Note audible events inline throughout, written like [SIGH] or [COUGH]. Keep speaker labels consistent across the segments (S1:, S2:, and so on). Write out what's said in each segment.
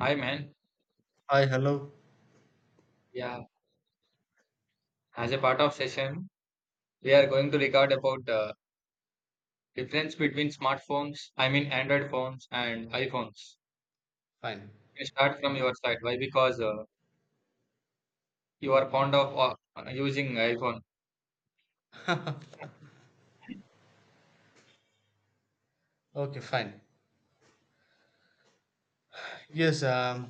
S1: Hi, man.
S2: Hi, hello.
S1: Yeah, as a part of session, we are going to record about difference between smartphones, I mean Android phones and iPhones.
S2: Fine.
S1: You start from your side. Why? Because you are fond of using iPhone.
S2: Okay, fine. Yes,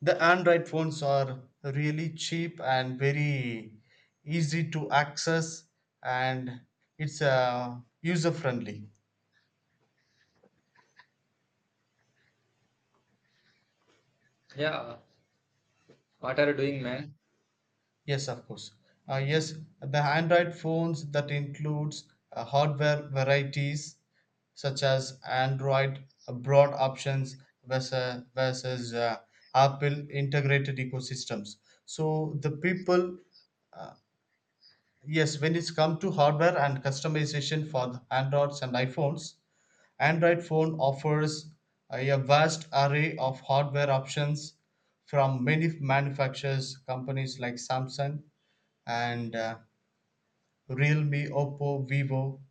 S2: the Android phones are really cheap and very easy to access, and it's user friendly.
S1: Yeah, what are you doing, man?
S2: Yes, of course. Yes, the Android phones that includes hardware varieties such as Android broad options versus Apple integrated ecosystems. So the people Yes, when it's come to hardware and customization for the Androids and iPhones, Android phone offers a vast array of hardware options from many manufacturers, companies like Samsung and Realme, Oppo, Vivo.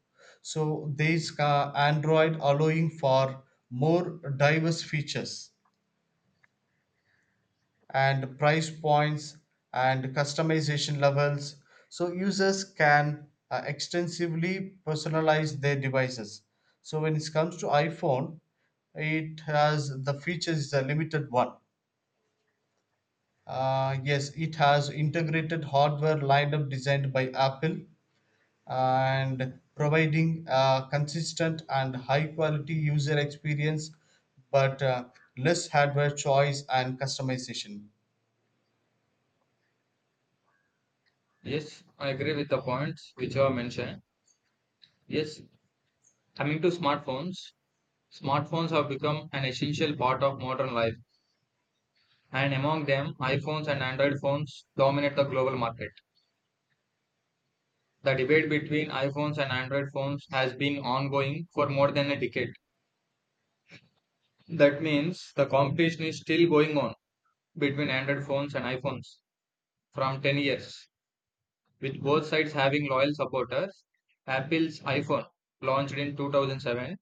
S2: So these Android allowing for more diverse features and price points and customization levels, so users can extensively personalize their devices. So when it comes to iphone, it has the features is a limited one. Yes, it has integrated hardware lineup designed by apple and providing a consistent and high quality user experience, but less hardware choice and customization.
S1: Yes, I agree with the points which you have mentioned. Yes, coming to smartphones, have become an essential part of modern life, and among them, iPhones and Android phones dominate the global market. The debate between iPhones and Android phones has been ongoing for more than a decade. That means the competition is still going on between Android phones and iPhones from 10 years, with both sides having loyal supporters. Apple's iPhone, launched in 2007,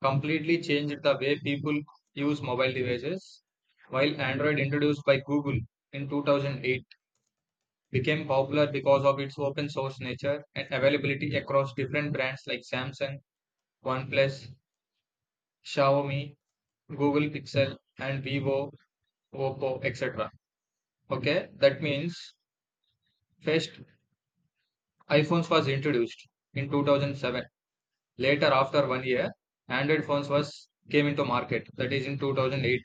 S1: completely changed the way people use mobile devices, while Android, introduced by Google in 2008, became popular because of its open source nature and availability across different brands like Samsung, OnePlus, Xiaomi, Google Pixel, and Vivo, Oppo, etc. Okay, that means first iPhones was introduced in 2007. Later, after one year, Android phones was came into market. That is in 2008,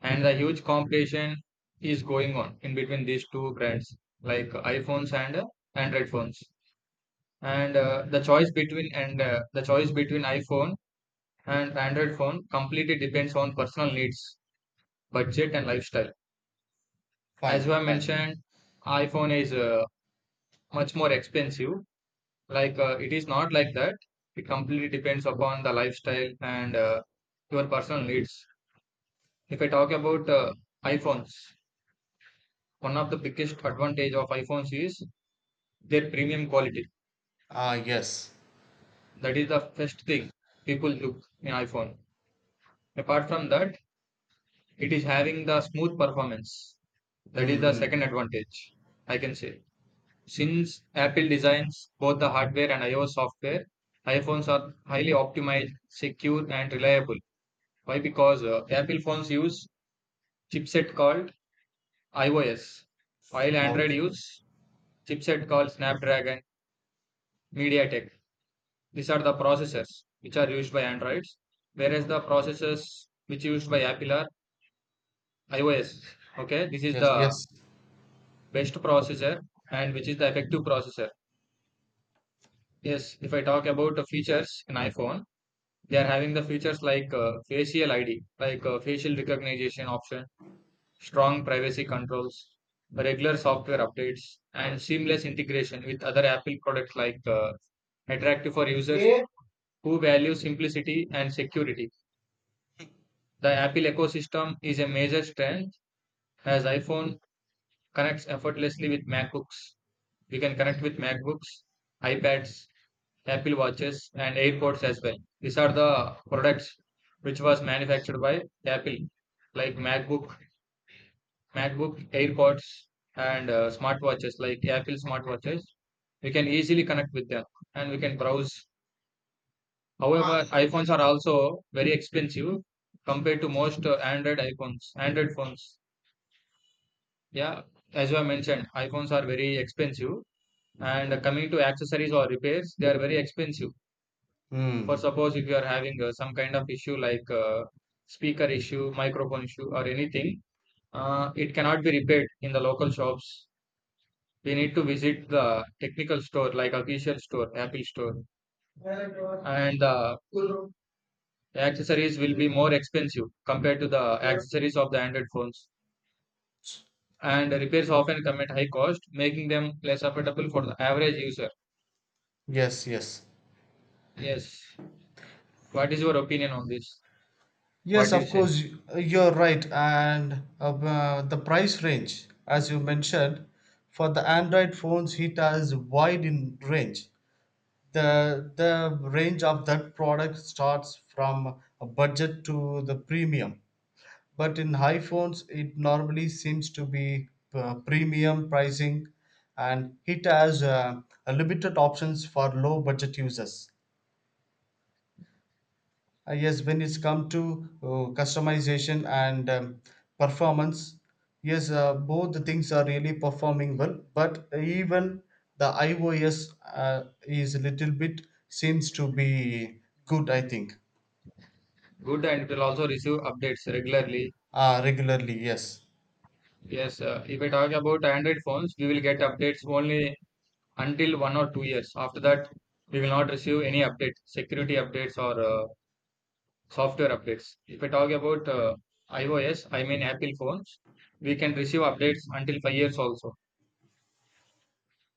S1: and the huge competition is going on in between these two brands, like iPhones and Android phones. And the choice between and The choice between iPhone and Android phone completely depends on personal needs, budget, and lifestyle. As you
S2: fine
S1: have
S2: fine
S1: mentioned, iPhone is much more expensive. Like it is not like that. It completely depends upon the lifestyle and your personal needs. If I talk about iPhones, one of the biggest advantage of iPhones is their premium quality.
S2: Ah, yes.
S1: That is the first thing people look in iPhone. Apart from that, it is having the smooth performance. That is
S2: Mm,
S1: the second
S2: hmm.
S1: advantage, I can say. Since Apple designs both the hardware and iOS software, iPhones are highly optimized, secure, and reliable. Why? Because Apple phones use chipset called iOS, while Android
S2: Okay.
S1: use chipset called Snapdragon MediaTek. These are the processors which are used by Androids, whereas the processors which used by Apple are iOS. Okay, this is
S2: Yes,
S1: the
S2: yes.
S1: best processor and which is the effective processor. Yes, if I talk about the features in iPhone. They are having the features like facial ID, like facial recognition option, strong privacy controls, regular software updates, and seamless integration with other Apple products like attractive for users. Yeah, who value simplicity and security. The Apple ecosystem is a major strength as iPhone connects effortlessly with MacBooks. We can connect with MacBooks, iPads, Apple Watches, and AirPods as well. These are the products which was manufactured by Apple, like MacBook, MacBook, AirPods, and smartwatches like Apple smartwatches. We can easily connect with them and we can browse. However, iPhones are also very expensive compared to most Android iPhones, Android phones. Yeah, as I mentioned, iPhones are very expensive. And coming to accessories or repairs, they are very expensive. For
S2: Mm.
S1: suppose if you are having some kind of issue like speaker issue, microphone issue, or anything, it cannot be repaired in the local shops. We need to visit the technical store, like official store, Apple store, and the accessories will be more expensive compared to the accessories of the Android phones. And repairs often come at high cost, making them less affordable for the average user.
S2: Yes, yes.
S1: Yes. What is your opinion on this? What
S2: Yes,
S1: do you
S2: of
S1: say?
S2: course, you're right. And the price range, as you mentioned, for the Android phones, it has wide in range. The range of that product starts from a budget to the premium. But in iPhones, it normally seems to be premium pricing, and it has a limited options for low budget users. Yes, when it's come to customization and performance, yes, both the things are really performing well. But even the iOS is a little bit seems to be good, I think,
S1: Good, and it will also receive updates regularly.
S2: regularly. Yes.
S1: Yes, if I talk about Android phones, we will get updates only until 1 or 2 years. After that, we will not receive any updates, security updates or software updates. If I talk about iOS, I mean Apple phones, we can receive updates until 5 years also.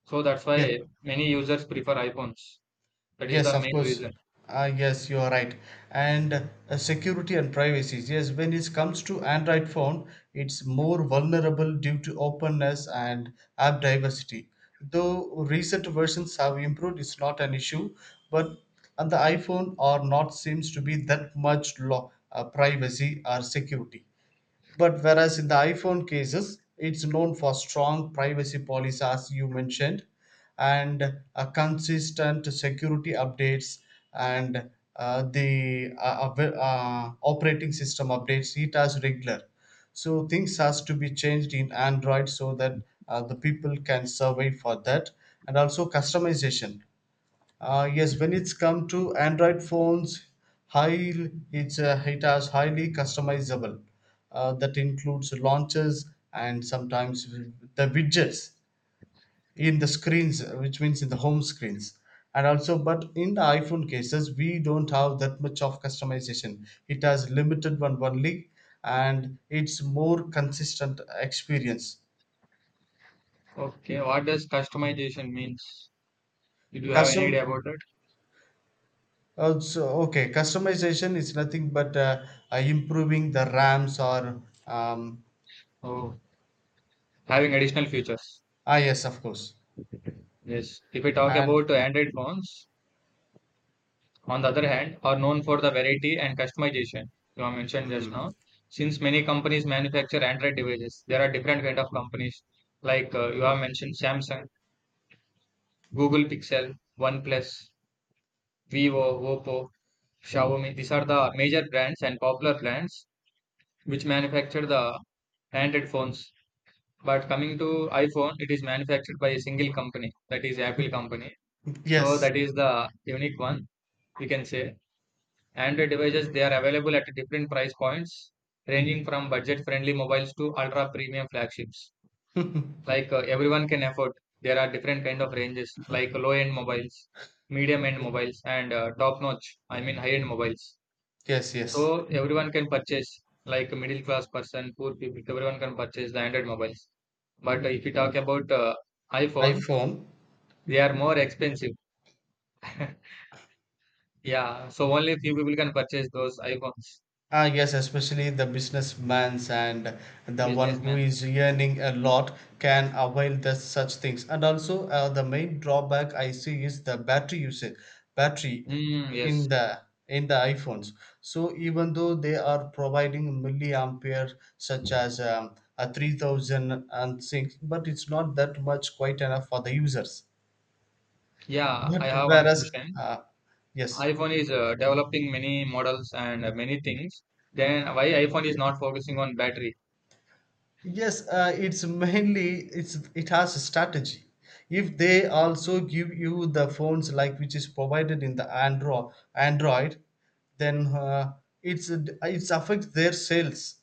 S1: So that's
S2: Yes.
S1: why many users prefer iPhones. That is
S2: Yes,
S1: the
S2: of
S1: main
S2: course.
S1: reason.
S2: Ah, yes, you are right. And security and privacy. Yes, when it comes to Android phone, it's more vulnerable due to openness and app diversity. Though recent versions have improved, it's not an issue. But on the iPhone or not seems to be that much law, privacy or security. But whereas in the iPhone cases, it's known for strong privacy policies, as you mentioned, and a consistent security updates, and the operating system updates it as regular. So things has to be changed in Android, so that the people can survive for that, and also customization. Yes, when it's come to Android phones, high, it's it has highly customizable. That includes launchers and sometimes the widgets in the screens, which means in the home screens. And also, but in the iPhone cases, we don't have that much of customization. It has limited one only, and it's more consistent experience.
S1: Okay, what does customization means? Did you have any
S2: Custom
S1: idea about it?
S2: Oh, so okay, customization is nothing but improving the RAMs or um,
S1: Oh, having additional features.
S2: ah, yes, of course,
S1: Yes. If we talk
S2: and
S1: about Android phones, on the other hand, are known for the variety and customization you have mentioned just
S2: mm,
S1: now. Since many companies manufacture Android devices, there are different kind of companies like you have mentioned Samsung, Google Pixel, OnePlus, Vivo, Oppo, Xiaomi. These are the major brands and popular brands which manufacture the Android phones. But coming to iPhone, it is manufactured by a single company, that is Apple company. So
S2: yes,
S1: that is the unique one we can say. Android devices, they are available at different price points, ranging from budget-friendly mobiles to ultra-premium flagships.
S2: [LAUGHS]
S1: Like everyone can afford. There are different kind of ranges, like low-end mobiles, medium-end mobiles, and top-notch. I mean, high-end mobiles.
S2: yes, yes,
S1: So everyone can purchase. Like a middle-class person, poor people, everyone can purchase the Android mobiles. But if you talk about iPhones,
S2: iPhone.
S1: they are more expensive. Yeah, so only few people can purchase those iPhones.
S2: Ah, yes, especially the businessman's and the one who
S1: Businessmen.
S2: is earning a lot can avail the such things. And also, the main drawback I see is the battery usage, battery
S1: Mm, yes.
S2: in the in the iPhones. So even though they are providing milliampere such as a 3000 and things, but it's not that much quite enough for the users.
S1: Yeah, I
S2: But
S1: have one
S2: whereas,
S1: question.
S2: yes.
S1: iPhone is developing many models and many things. Then why iPhone is not focusing on battery?
S2: Yes, it's mainly it has a strategy. If they also give you the phones like which is provided in the Android, then it's affects their sales.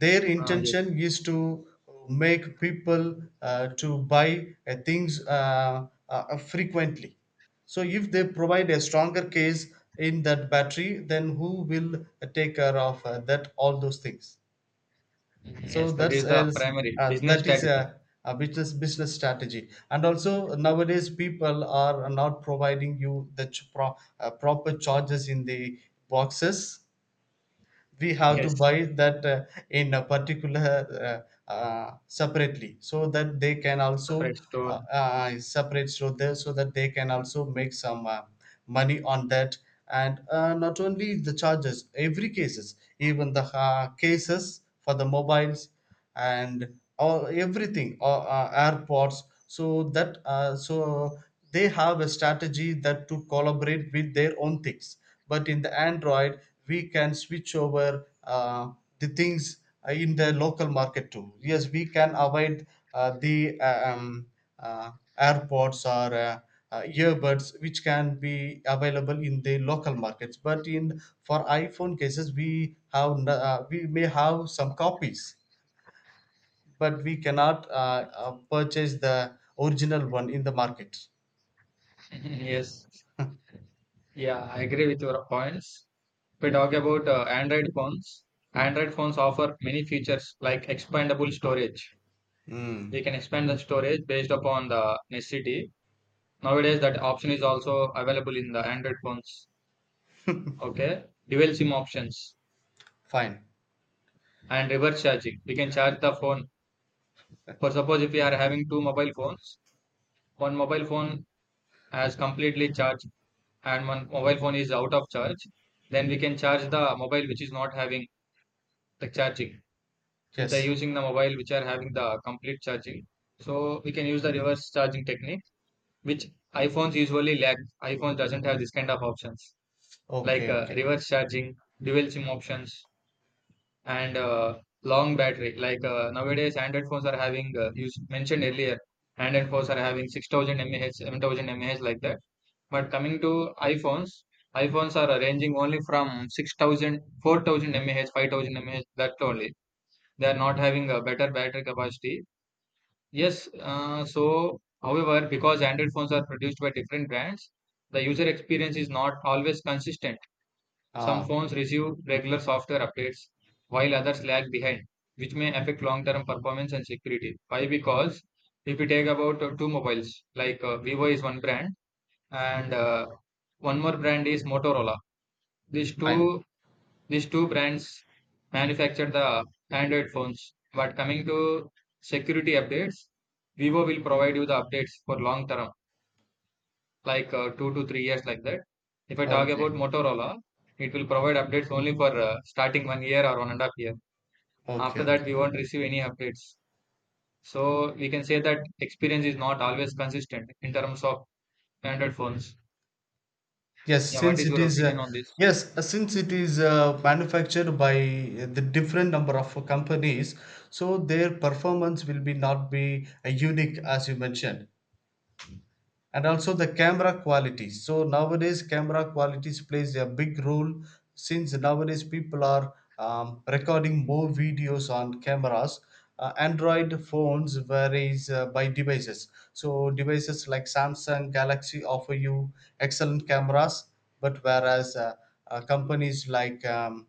S2: Their
S1: Ah, yes.
S2: intention is to make people to buy things frequently. So if they provide a stronger case in that battery, then who will take care of that all those things?
S1: Mhm,
S2: So
S1: yes, that
S2: that's
S1: is the
S2: else
S1: primary business
S2: that is
S1: strategy.
S2: a business strategy. And also nowadays people are not providing you the proper charges in the boxes. We
S1: [LAUGHS]
S2: have to
S1: Yes,
S2: buy that in a particular separately, so that they can also
S1: separate store.
S2: separate so there so that they can also make some money on that. And not only the charges, every cases, even the cases for the mobiles and all everything, or airports, so that so they have a strategy that to collaborate with their own things. But in the android, we can switch over the things in the local market too. Yes, we can avoid the uh, airports or earbuds, which can be available in the local markets. But in for iphone cases, we have we may have some copies, but we cannot purchase the original one in the market.
S1: [LAUGHS] Yes, yeah, I agree with your points. We talk about Android phones. Android phones offer many features like expandable storage.
S2: Mm.
S1: We can expand the storage based upon the necessity. Nowadays, that option is also available in the Android phones. Okay. Dual SIM options
S2: Fine.
S1: and reverse charging. We can charge the phone. For suppose if we are having two mobile phones, one mobile phone has completely charged and one mobile phone is out of charge, then we can charge the mobile which is not having the charging with the
S2: Yes.
S1: using the mobile which are having the complete charging. So we can use the reverse charging technique, which iPhones usually lack. iPhone doesn't have this kind of options like
S2: Okay, okay.
S1: reverse charging, dual SIM options, and long battery. Like nowadays, Android phones are having, you s- mentioned earlier, Android phones are having 6000 mAh, 7000 mAh like that. But coming to iPhones, iPhones are ranging only from 6000, 4000 mAh, 5000 mAh, that only. They are not having a better battery capacity. Yes, so however, because Android phones are produced by different brands, the user experience is not always consistent. Some
S2: Ah,
S1: phones receive regular software updates, while others lag behind, which may affect long-term performance and security. Why? Because if we take about two mobiles, like Vivo is one brand and one more brand is Motorola. These
S2: fine.
S1: two these two brands manufacture the Android phones. But coming to security updates, Vivo will provide you the updates for long term, like 2 to 3 years like that. If I talk about
S2: Okay,
S1: Motorola, it will provide updates only for starting one year or one and a half year. After
S2: okay.
S1: that, we won't receive any updates. So we can say that experience is not always consistent in terms of Android phones.
S2: Yes,
S1: Yeah, what
S2: since
S1: is
S2: it
S1: your
S2: is uh,
S1: opinion on this?
S2: yes, since it is manufactured by the different number of companies, so their performance will be not be unique as you mentioned. And also the camera quality. So nowadays camera qualities plays a big role, since nowadays people are recording more videos on cameras. Android phones varies by devices, so devices like samsung galaxy offer you excellent cameras, but whereas companies like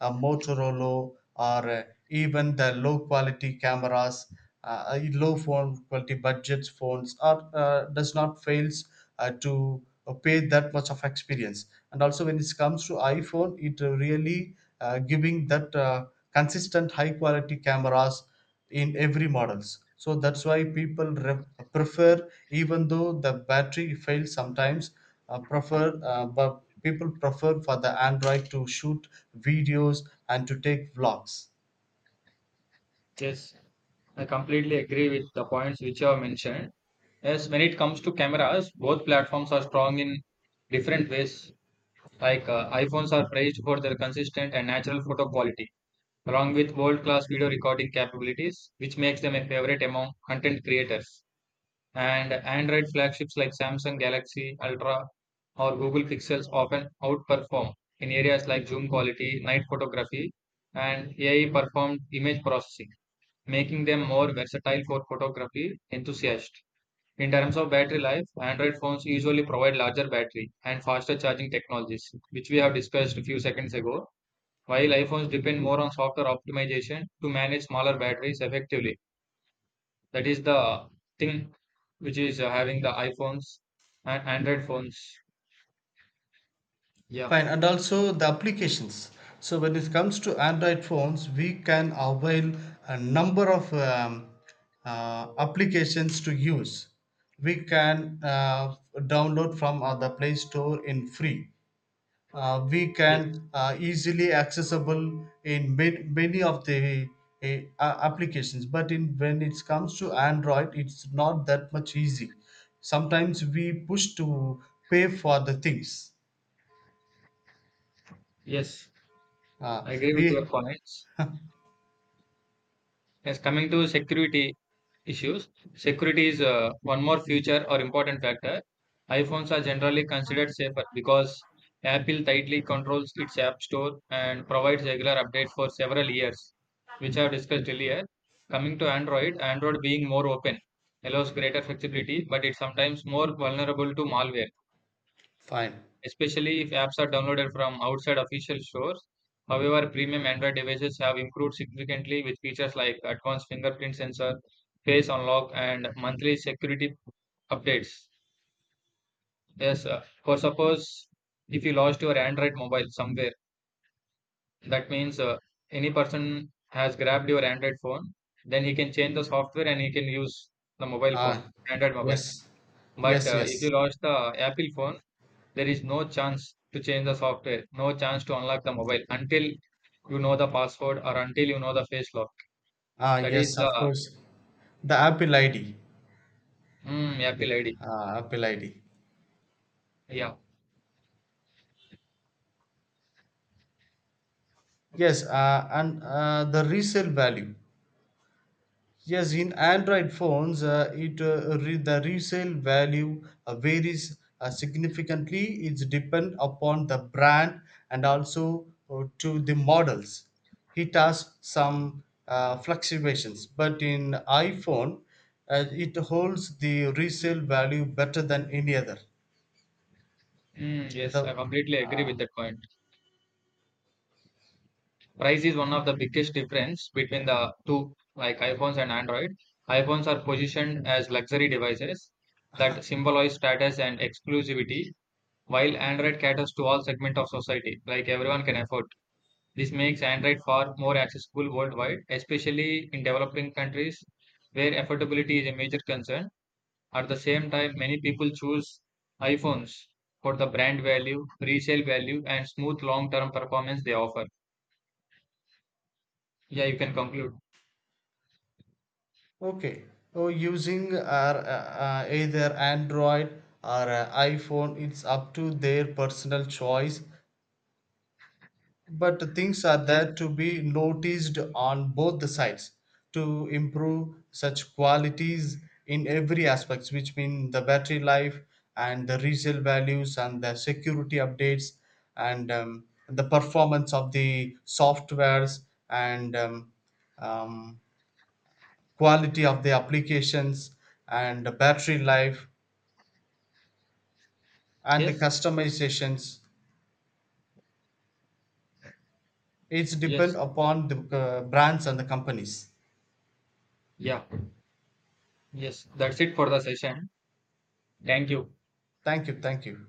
S2: a Motorola or even the low quality cameras, low phone quality budget phones, or does not fails to pay that much of experience. And also when it comes to iphone, it really giving that consistent high quality cameras in every models. So that's why people prefer, even though the battery fails sometimes, prefer but people prefer for the android to shoot videos and to take vlogs.
S1: Yes, I completely agree with the points which you have mentioned. Yes, when it comes to cameras, both platforms are strong in different ways. Like iPhones are praised for their consistent and natural photo quality, along with world-class video recording capabilities, which makes them a favorite among content creators. And Android flagships like Samsung Galaxy Ultra or Google Pixels often outperform in areas like zoom quality, night photography, and AI performed image processing, making them more versatile for photography enthusiasts. In terms of battery life, Android phones usually provide larger battery and faster charging technologies, which we have discussed a few seconds ago. While iPhones depend more on software optimization to manage smaller batteries effectively, that is the thing which is having the iPhones and Android phones. Yeah,
S2: Fine, and also the applications. So when it comes to Android phones, we can avail a number of applications to use. We can download from the Play Store in free. We
S1: yes,
S2: can easily accessible in many of the uh, applications. But in when it comes to Android, it's not that much easy. Sometimes we push to pay for the things.
S1: yes,
S2: Uh,
S1: I agree with your
S2: we
S1: points. Yes, coming to security issues, security is one more future or important factor. iPhones are generally considered safer because Apple tightly controls its App Store and provides regular updates for several years, which I've discussed earlier. Coming to Android, Android being more open allows greater flexibility, but it's sometimes more vulnerable to malware
S2: Fine.
S1: especially if apps are downloaded from outside official stores. However, premium Android devices have improved significantly with features like advanced fingerprint sensor, face unlock, and monthly security updates. Yes, for suppose if you lost your Android mobile somewhere, that means any person has grabbed your Android phone, then he can change the software and he can use the mobile phone,
S2: Ah,
S1: Android
S2: yes,
S1: mobile. But
S2: yes, yes.
S1: if you lost the Apple phone, there is no chance to change the software, no chance to unlock the mobile until you know the password or until you know the face lock.
S2: Ah,
S1: That is
S2: yes, of
S1: the
S2: course. The Apple ID.
S1: mm, Apple ID.
S2: Ah, Apple ID.
S1: Yeah.
S2: Yes, and the resale value. Yes, in Android phones, the resale value varies significantly. It's depend upon the brand and also to the models. It has some fluctuations, but in iPhone, it holds the resale value better than any other.
S1: Mm, yes, I
S2: The
S1: completely agree
S2: uh,
S1: with that point. Price is one of the biggest difference between the two, like iPhones and Android. iPhones are positioned as luxury devices that symbolize status and exclusivity, while Android caters to all segment of society, like everyone can afford. This makes Android far more accessible worldwide, especially in developing countries where affordability is a major concern. At the same time, many people choose iPhones for the brand value, resale value, and smooth long term performance they offer. Yeah, you can conclude.
S2: okay, so using either Android or iPhone, it's up to their personal choice. But things are
S1: Yes,
S2: there to be noticed on both the sides to improve such qualities in every aspects, which mean the battery life and the resale values and the security updates, and the performance of the softwares, and um, quality of the applications and the battery life and the
S1: yes,
S2: customizations. It's depend
S1: yes,
S2: upon the brands and the companies.
S1: yeah, yes. That's it for the session. Thank you.
S2: Thank you. Thank you.